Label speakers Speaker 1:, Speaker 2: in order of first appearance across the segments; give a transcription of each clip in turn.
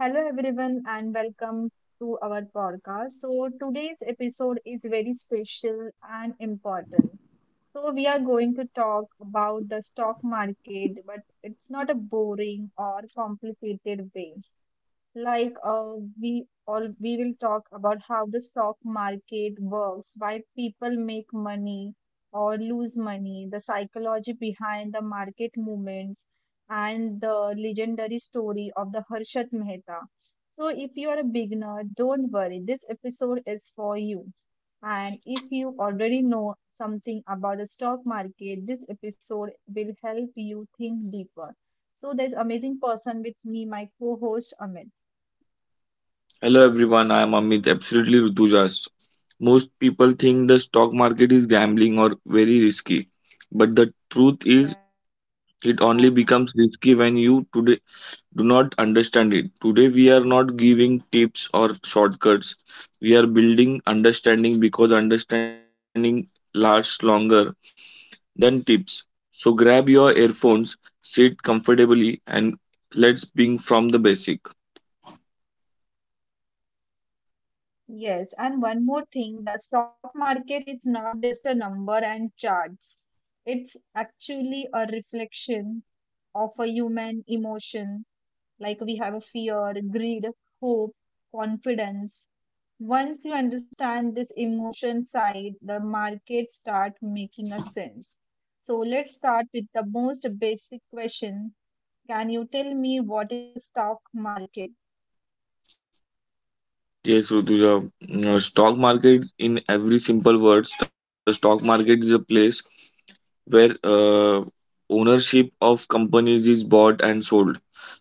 Speaker 1: Hello, everyone, and welcome to our podcast. So, today's episode is very special and important. So, we are going to talk about the stock market, but it's not a boring or complicated way like we will talk about how the stock market works, why people make money or lose money, the psychology behind the market movements, and the legendary story of the Harshad Mehta. So if you are a beginner, don't worry, this episode is for you. And if you already know something about the stock market, this episode will help you think deeper. So there's amazing person with me, my co-host Amit.
Speaker 2: Hello everyone, I am Amit, absolutely Rutujas. Most people think the stock market is gambling or very risky, but the truth is
Speaker 1: Yeah,
Speaker 2: it only becomes risky when you today do not understand it. Today we are not giving tips or shortcuts. We are building understanding because understanding lasts longer than tips. So grab your earphones, sit comfortably and let's begin from the basic.
Speaker 1: yes. And one more thing, the stock market is not just a number and charts. It's actually a reflection of a human emotion. Like we have a fear, greed, hope, confidence. Once you understand this emotion side, the market start making a sense. So let's start with the most basic question. Can you tell me what is a stock market?
Speaker 2: Yes, Rutuja. Stock market, in every simple words, the stock market is a place where ownership of companies is bought and sold.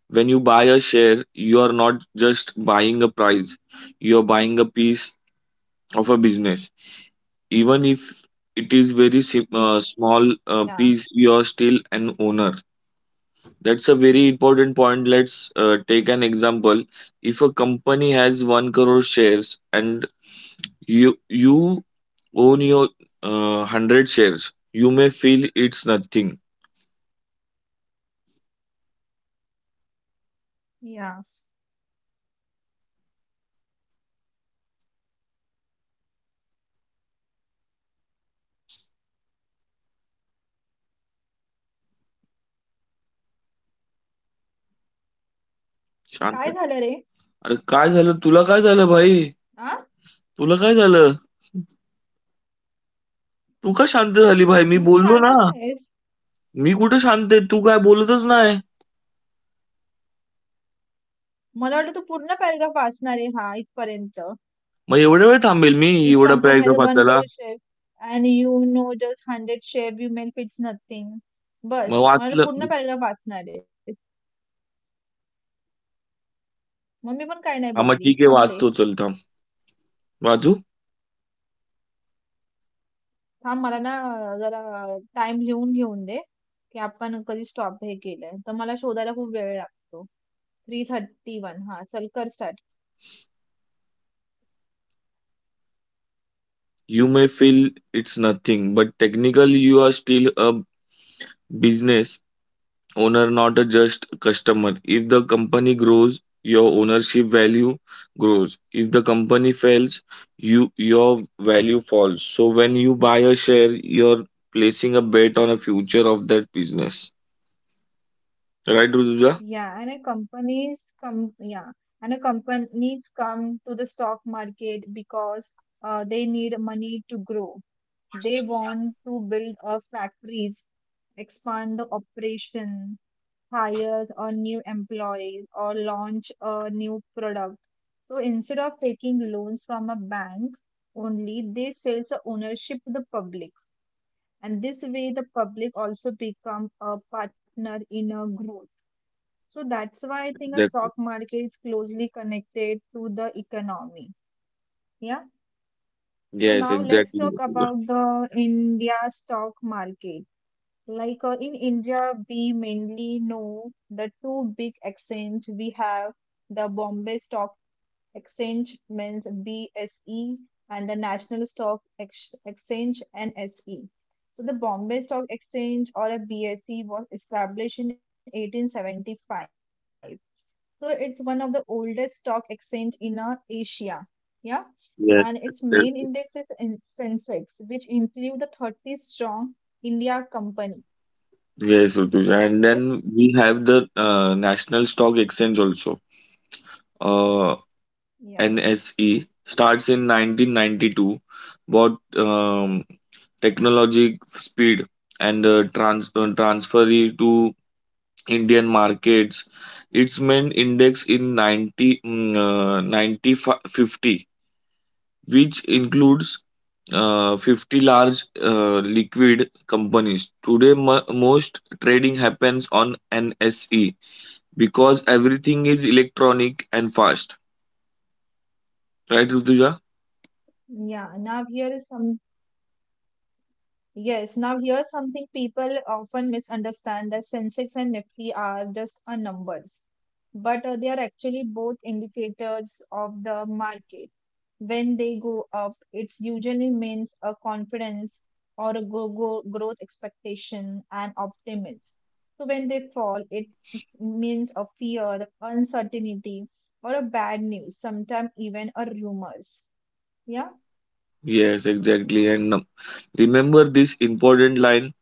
Speaker 2: When you buy a share, you are not just buying a price, you are buying a piece of a business. Even if it is very
Speaker 1: Yeah,
Speaker 2: small piece, you are still an owner. That's a very important point. Let's take an example. If a company has 1 crore shares and you own your uh, 100 shares. You may feel it's nothing.
Speaker 1: yeah. काय झालं रे?
Speaker 2: शांत अरे काय झालं? तुला काय झालं भाई?
Speaker 1: हा?
Speaker 2: तुला काय झालं? तू का शांत झाली भाई?
Speaker 1: मग
Speaker 2: मी
Speaker 1: तू शांत
Speaker 2: बोललो
Speaker 1: का
Speaker 2: ना.
Speaker 1: आहेस?
Speaker 2: मी कुठे शांत आहे? तू काय बोलतच नाही.
Speaker 1: मला वाटलं तू पूर्ण पॅराग्राफ वाचणार आहे हा इथपर्यंत.
Speaker 2: मग एवढा वेळ थांबेल मी
Speaker 1: "Each
Speaker 2: एवढा
Speaker 1: company has
Speaker 2: paragraph
Speaker 1: a one
Speaker 2: वाचायला.
Speaker 1: crore share you know know just 100 you women fits nothing,
Speaker 2: मग
Speaker 1: बस, मला वाटलं
Speaker 2: वाचलं
Speaker 1: पूर्ण पॅराग्राफ वाचणार आहेस. मग मी पण काही नाही
Speaker 2: हां,
Speaker 1: बोलली.
Speaker 2: मग ठीक आहे
Speaker 1: थांबले.
Speaker 2: वाचतो चल थांब. वाचू?
Speaker 1: थांब मला ना अ, जरा टाईम लिहून घेऊन दे, की आपण कधी स्टॉप हे केलंय. तर मला शोधायला खूप वेळ लागतो. 3:31 हां, चल कर start.
Speaker 2: You may feel it's nothing but technically you are still a business owner, not a just customer. If the company grows, your ownership value grows. If the company fails, your value falls. So when you buy a share, you're placing a bet on a future of that business, right, Rutuja?
Speaker 1: Yeah, and a companies come yeah, and a companies come to the stock market because they need money to grow. They want to build factories, expand the operation, hire a new employees, or launch a new product. So instead of taking loans from a bank only, they sells the ownership to the public, and this way the public also become a partner in a growth. So that's why I think a stock
Speaker 2: Exactly.
Speaker 1: market is closely connected to the economy. Yeah. So
Speaker 2: Yes,
Speaker 1: now let's
Speaker 2: exactly,
Speaker 1: talk
Speaker 2: Rutuja.
Speaker 1: about the India stock market. Like in India, we mainly know the two big exchange. We have the Bombay Stock Exchange, means BSE, and the National Stock Exchange, NSE. So the Bombay Stock Exchange or a BSE was established in 1875, so it's one of the oldest stock exchange in Asia. Yeah.
Speaker 2: Yes,
Speaker 1: And its
Speaker 2: exactly.
Speaker 1: main index is Sensex, which include the 30 strong India company.
Speaker 2: Yes, Rutuja. And then we have
Speaker 1: Yes.
Speaker 2: the national stock exchange also. Uh,
Speaker 1: Yeah.
Speaker 2: nse starts in 1992, bought technology speed and transfer to Indian markets. Its main index in 90, 90 50, which includes 50 large liquid companies. Today, most trading happens on NSE because everything is electronic and fast. Right, Rutuja?
Speaker 1: Yeah. Now here is some Yes, now here's something people often misunderstand, that Sensex and Nifty are just a numbers, but they are actually both indicators of the market. When they go up, it usually means a confidence or a growth expectation and optimism. So when they fall, it means a fear, uncertainty, or a bad news, sometimes even a rumors. Yeah,
Speaker 2: Yes, exactly. And remember this important line,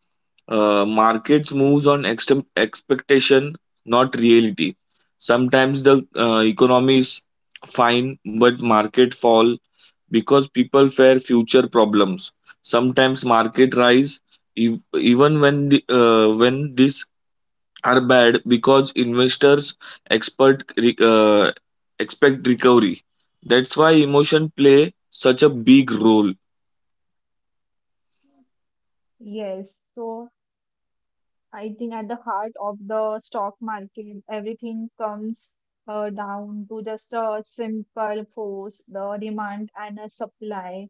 Speaker 2: markets moves on expectation, not reality. Sometimes the economy is fine but market fall because people fear future problems. Sometimes market rise even when the, when these are bad because investors expert re- uh, expect recovery. That's why emotion play such a big role.
Speaker 1: yes. So I think at the heart of the stock market, everything comes down to just a simple force, the demand and a supply.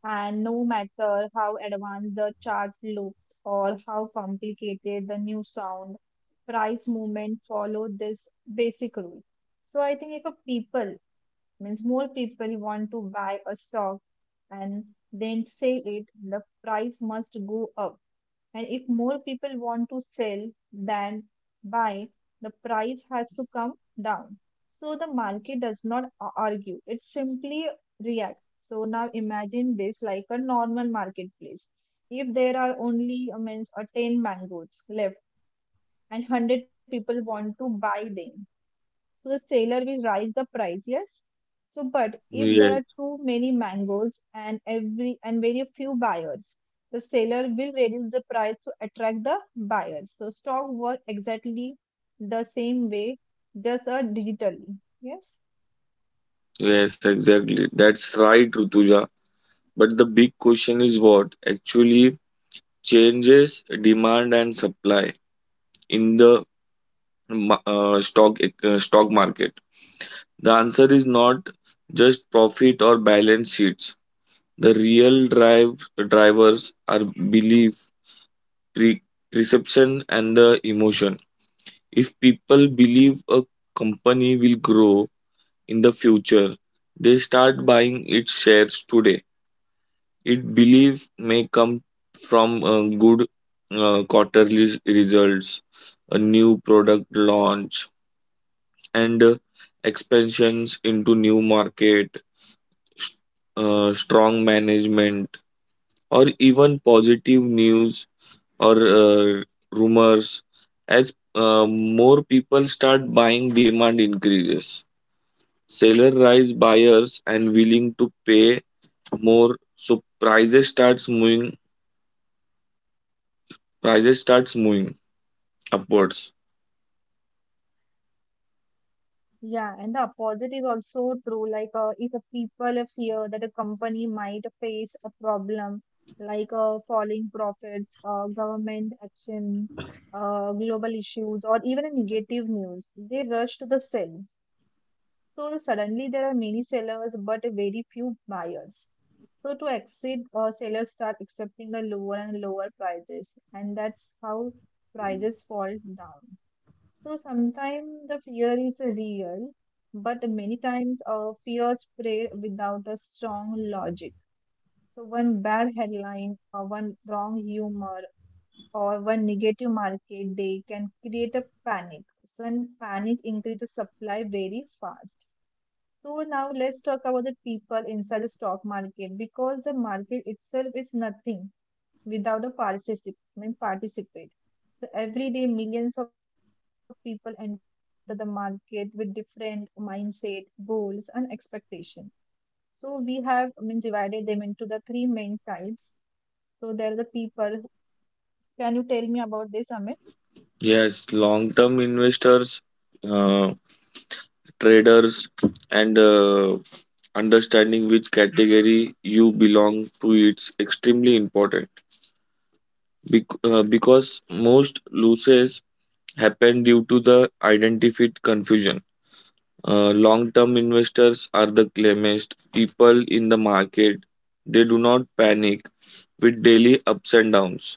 Speaker 1: And no matter how advanced the chart looks or how complicated the new sound, price movement follow this basic rule. So I think if a people means more people want to buy a stock and then sell it, the price must go up, and if more people want to sell than buy, the price has to come down. So the market does not argue, it simply reacts. So now imagine this like a normal marketplace. If there are only means 10 mangoes left and 100 people want to buy them, so the seller will raise the price, yes. So, but if there
Speaker 2: Yeah.
Speaker 1: are too many mangoes and very few buyers, the seller will reduce the price to attract the buyers. So stock work exactly the same way, just digitally. Yes.
Speaker 2: Yes, exactly, that's right, Rutuja. But the big question is what actually changes demand and supply in the ma- uh, stock stock market. The answer is not just profit or balance sheets. The real drivers are belief, pre- perception, and the emotion. If people believe a company will grow in the future, they start buying its shares today. It belief may come from good quarterly results, a new product launch, and expansions into new market, strong management, or even positive news or rumors. As more people start buying, demand increases. Seller rise buyers and willing to pay more, so prices starts moving. Prices starts moving upwards.
Speaker 1: Yeah, and the opposite is also true. Like, if a people fear that a company might face a problem, like falling profits, government action, global issues, or even a negative news, they rush to the sell. So suddenly there are many sellers, but very few buyers. So to exit, sellers start accepting the lower and lower prices, and that's how prices fall down. So sometimes the fear is real, but many times fear spread without a strong logic. So one bad headline or one wrong humor or one negative market day can create a panic. So, and panic increases supply very fast. So now let's talk about the people inside the stock market because the market itself is nothing without a participant participate. So every day millions of people enter the market with different mindset, goals and expectation. So we have, I mean, divided them into the three main types. So there are the people. Can you tell me about this, Amit?
Speaker 2: Yes, long-term investors, uh, traders, and understanding which category you belong to it's extremely important. Because most losses happen due to the identified confusion. Long-term investors are the calmest people in the market. They do not panic with daily ups and downs.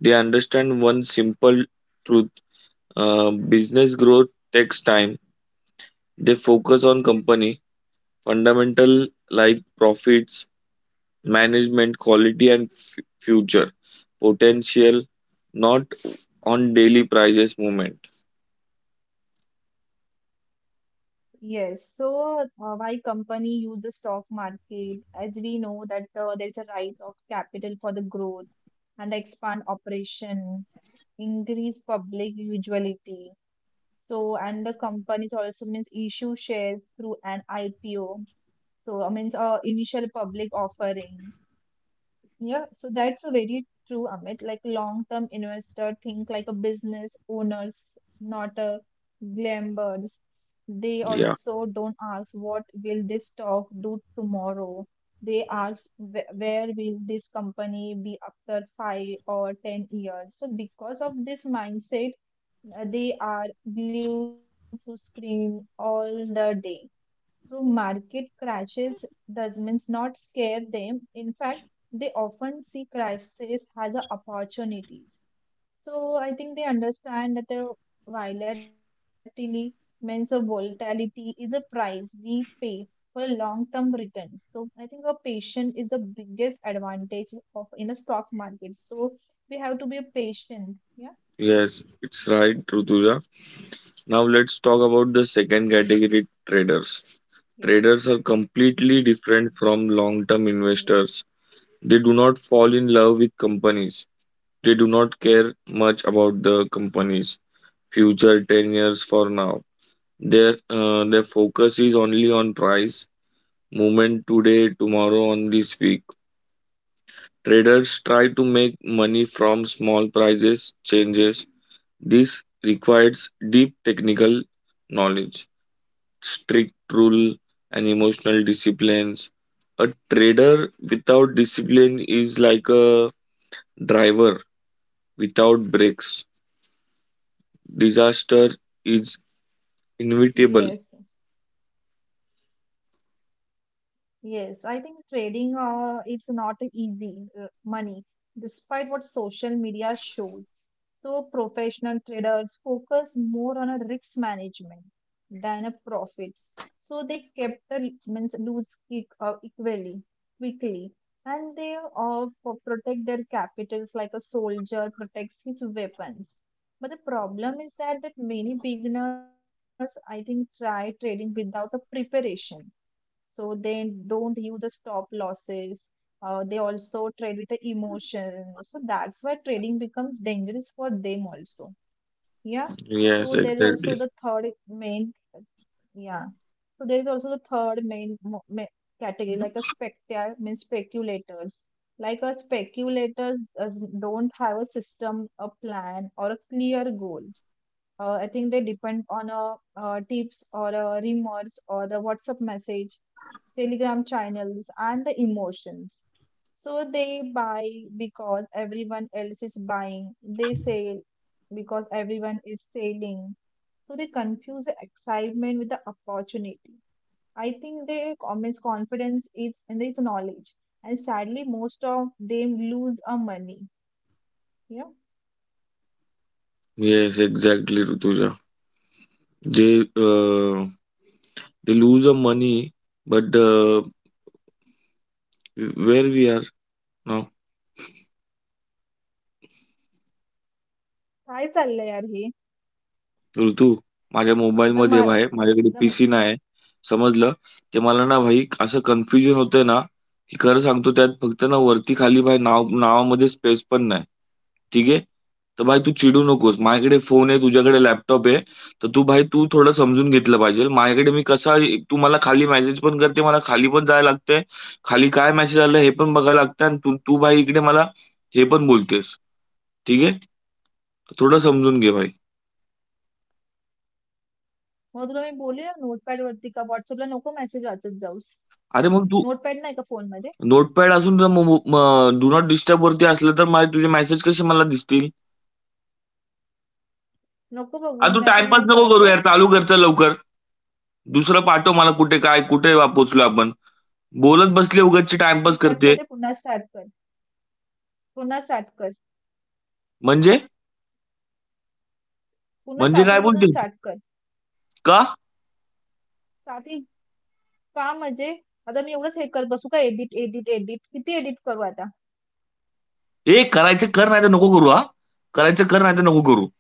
Speaker 2: They understand one simple truth: business growth takes time. They focus on company fundamental like profits, management, quality, and future potential, not on daily prices movement.
Speaker 1: Yes, so my company use the stock market as we know that there's a rise of capital for the growth and expand operation, increase public utility. So, and the companies also means issue shares through an IPO. So, means initial public offering. Yeah, so that's a very true, Amit. Like long-term investor think like a business owners, not a glamblers. They
Speaker 2: Yeah,
Speaker 1: also don't ask what will this stock do tomorrow. They ask where will this company be after 5 or 10 years. So because of this mindset, they are glued to screen all the day. So market crashes does means not scare them. In fact, they often see crises as a opportunities. So I think they understand that a volatility means a volatility is a price we pay for long-term returns. So I think a patient is the biggest advantage of in the stock market. So we have to be a patient. Yeah.
Speaker 2: yes, it's right, Rutuja. Now let's talk about the second category
Speaker 1: Yes,
Speaker 2: traders. Traders are completely different
Speaker 1: yes.
Speaker 2: from long term investors. They do not fall in love with companies. They do not care much about the companies' future 10 years for now. Their focus is only on price movement today, tomorrow, on this week. Traders try to make money from small prices changes. This requires deep technical knowledge, strict rule, and emotional disciplines. A trader without discipline is like a driver without brakes. Disaster is
Speaker 1: Yes,
Speaker 2: inevitable.
Speaker 1: yes. I think trading is not a easy money, despite what social media shows. So professional traders focus more on a risk management than a profit. So they kept the means lose equally quickly, and they protect their capitals like a soldier protects his weapons. But the problem is that many beginners, I think, try trading without a preparation, so they don't use the stop losses. They also trade with the emotion, so that's why trading becomes dangerous for them also, yeah, so
Speaker 2: Yes,
Speaker 1: there's also the
Speaker 2: exactly.
Speaker 1: third main yeah, so there's also the third main category, like a spectator means speculators. Like a speculators does, don't have a system, a plan or a clear goal. I think they depend on a, tips or a rumors or the WhatsApp message, Telegram channels, and the emotions. So they buy because everyone else is buying, they sell because everyone is selling. So they confuse the excitement with the opportunity. I think their comments confidence is in its knowledge. And sadly, most of them lose a money. Yeah.
Speaker 2: Yes, exactly, Rutuja. They, uh, they lose a money but uh, where we are now?
Speaker 1: काय चाललंय यार हे
Speaker 2: ऋतू, माझ्या
Speaker 1: the
Speaker 2: मोबाईलमध्ये
Speaker 1: मा
Speaker 2: आहे, माझ्याकडे
Speaker 1: the
Speaker 2: PC नाही आहे. समजलं? ते मला ना भाई असं कन्फ्युजन होतंय ना, की खरं सांगतो त्यात फक्त ना वरती खाली भाई नाव नावामध्ये स्पेस पण नाही. ठीक आहे? तर भाई तू चिडू नकोस. माझ्याकडे फोन आहे, तुझ्याकडे लॅपटॉप आहे. तर तू भाई तू थोडं समजून घेतलं पाहिजे. माझ्याकडे मी कसा तू मला खाली मेसेज पण करते, मला खाली पण जायला लागतंय. खाली काय मेसेज आलं हे पण बघायला लागतंय आणि तू तू भाई इकडे मला हे पण बोलतेस. ठीक आहे? तर थोडं समजून घे भाई.
Speaker 1: मग तुला मी बोलले नोटपॅड वरती का व्हॉट्सअपला नको मेसेज वाचत जाऊस
Speaker 2: अरे मग
Speaker 1: नोटपॅड
Speaker 2: तू
Speaker 1: नाही का फोनमध्ये
Speaker 2: नोटपॅड असून डू नॉट डिस्टर्बवरती असलं तर माझे तुझे मेसेज कसे मला दिसतील?
Speaker 1: नको बघू मी
Speaker 2: अरे
Speaker 1: मेसेज
Speaker 2: तू
Speaker 1: नाही करत
Speaker 2: टाईमपास नको
Speaker 1: बस.
Speaker 2: करू यार. चालू कर लवकर. दुसरं पाठव मला कुठे काय कुठे पोहोचलोय आपण. बोलत बसली उगाचची
Speaker 1: मी कट
Speaker 2: टाईमपास
Speaker 1: करते
Speaker 2: करते.
Speaker 1: पुन्हा स्टार्ट कर. पुन्हा स्टार्ट कर.
Speaker 2: म्हणजे?
Speaker 1: पुन्हा
Speaker 2: म्हणजे काय बोलते
Speaker 1: स्टार्टिंगपासून स्टार्ट कर.
Speaker 2: का?
Speaker 1: स्टार्टिंग का म्हणजे आता मी एवढंच हे करत बसू का एडिट, एडिट, एडिट? किती एडिट करू आता?
Speaker 2: ए करायचं कर नाही तर नको करू हा, करायचं कर नाही तर नको करू.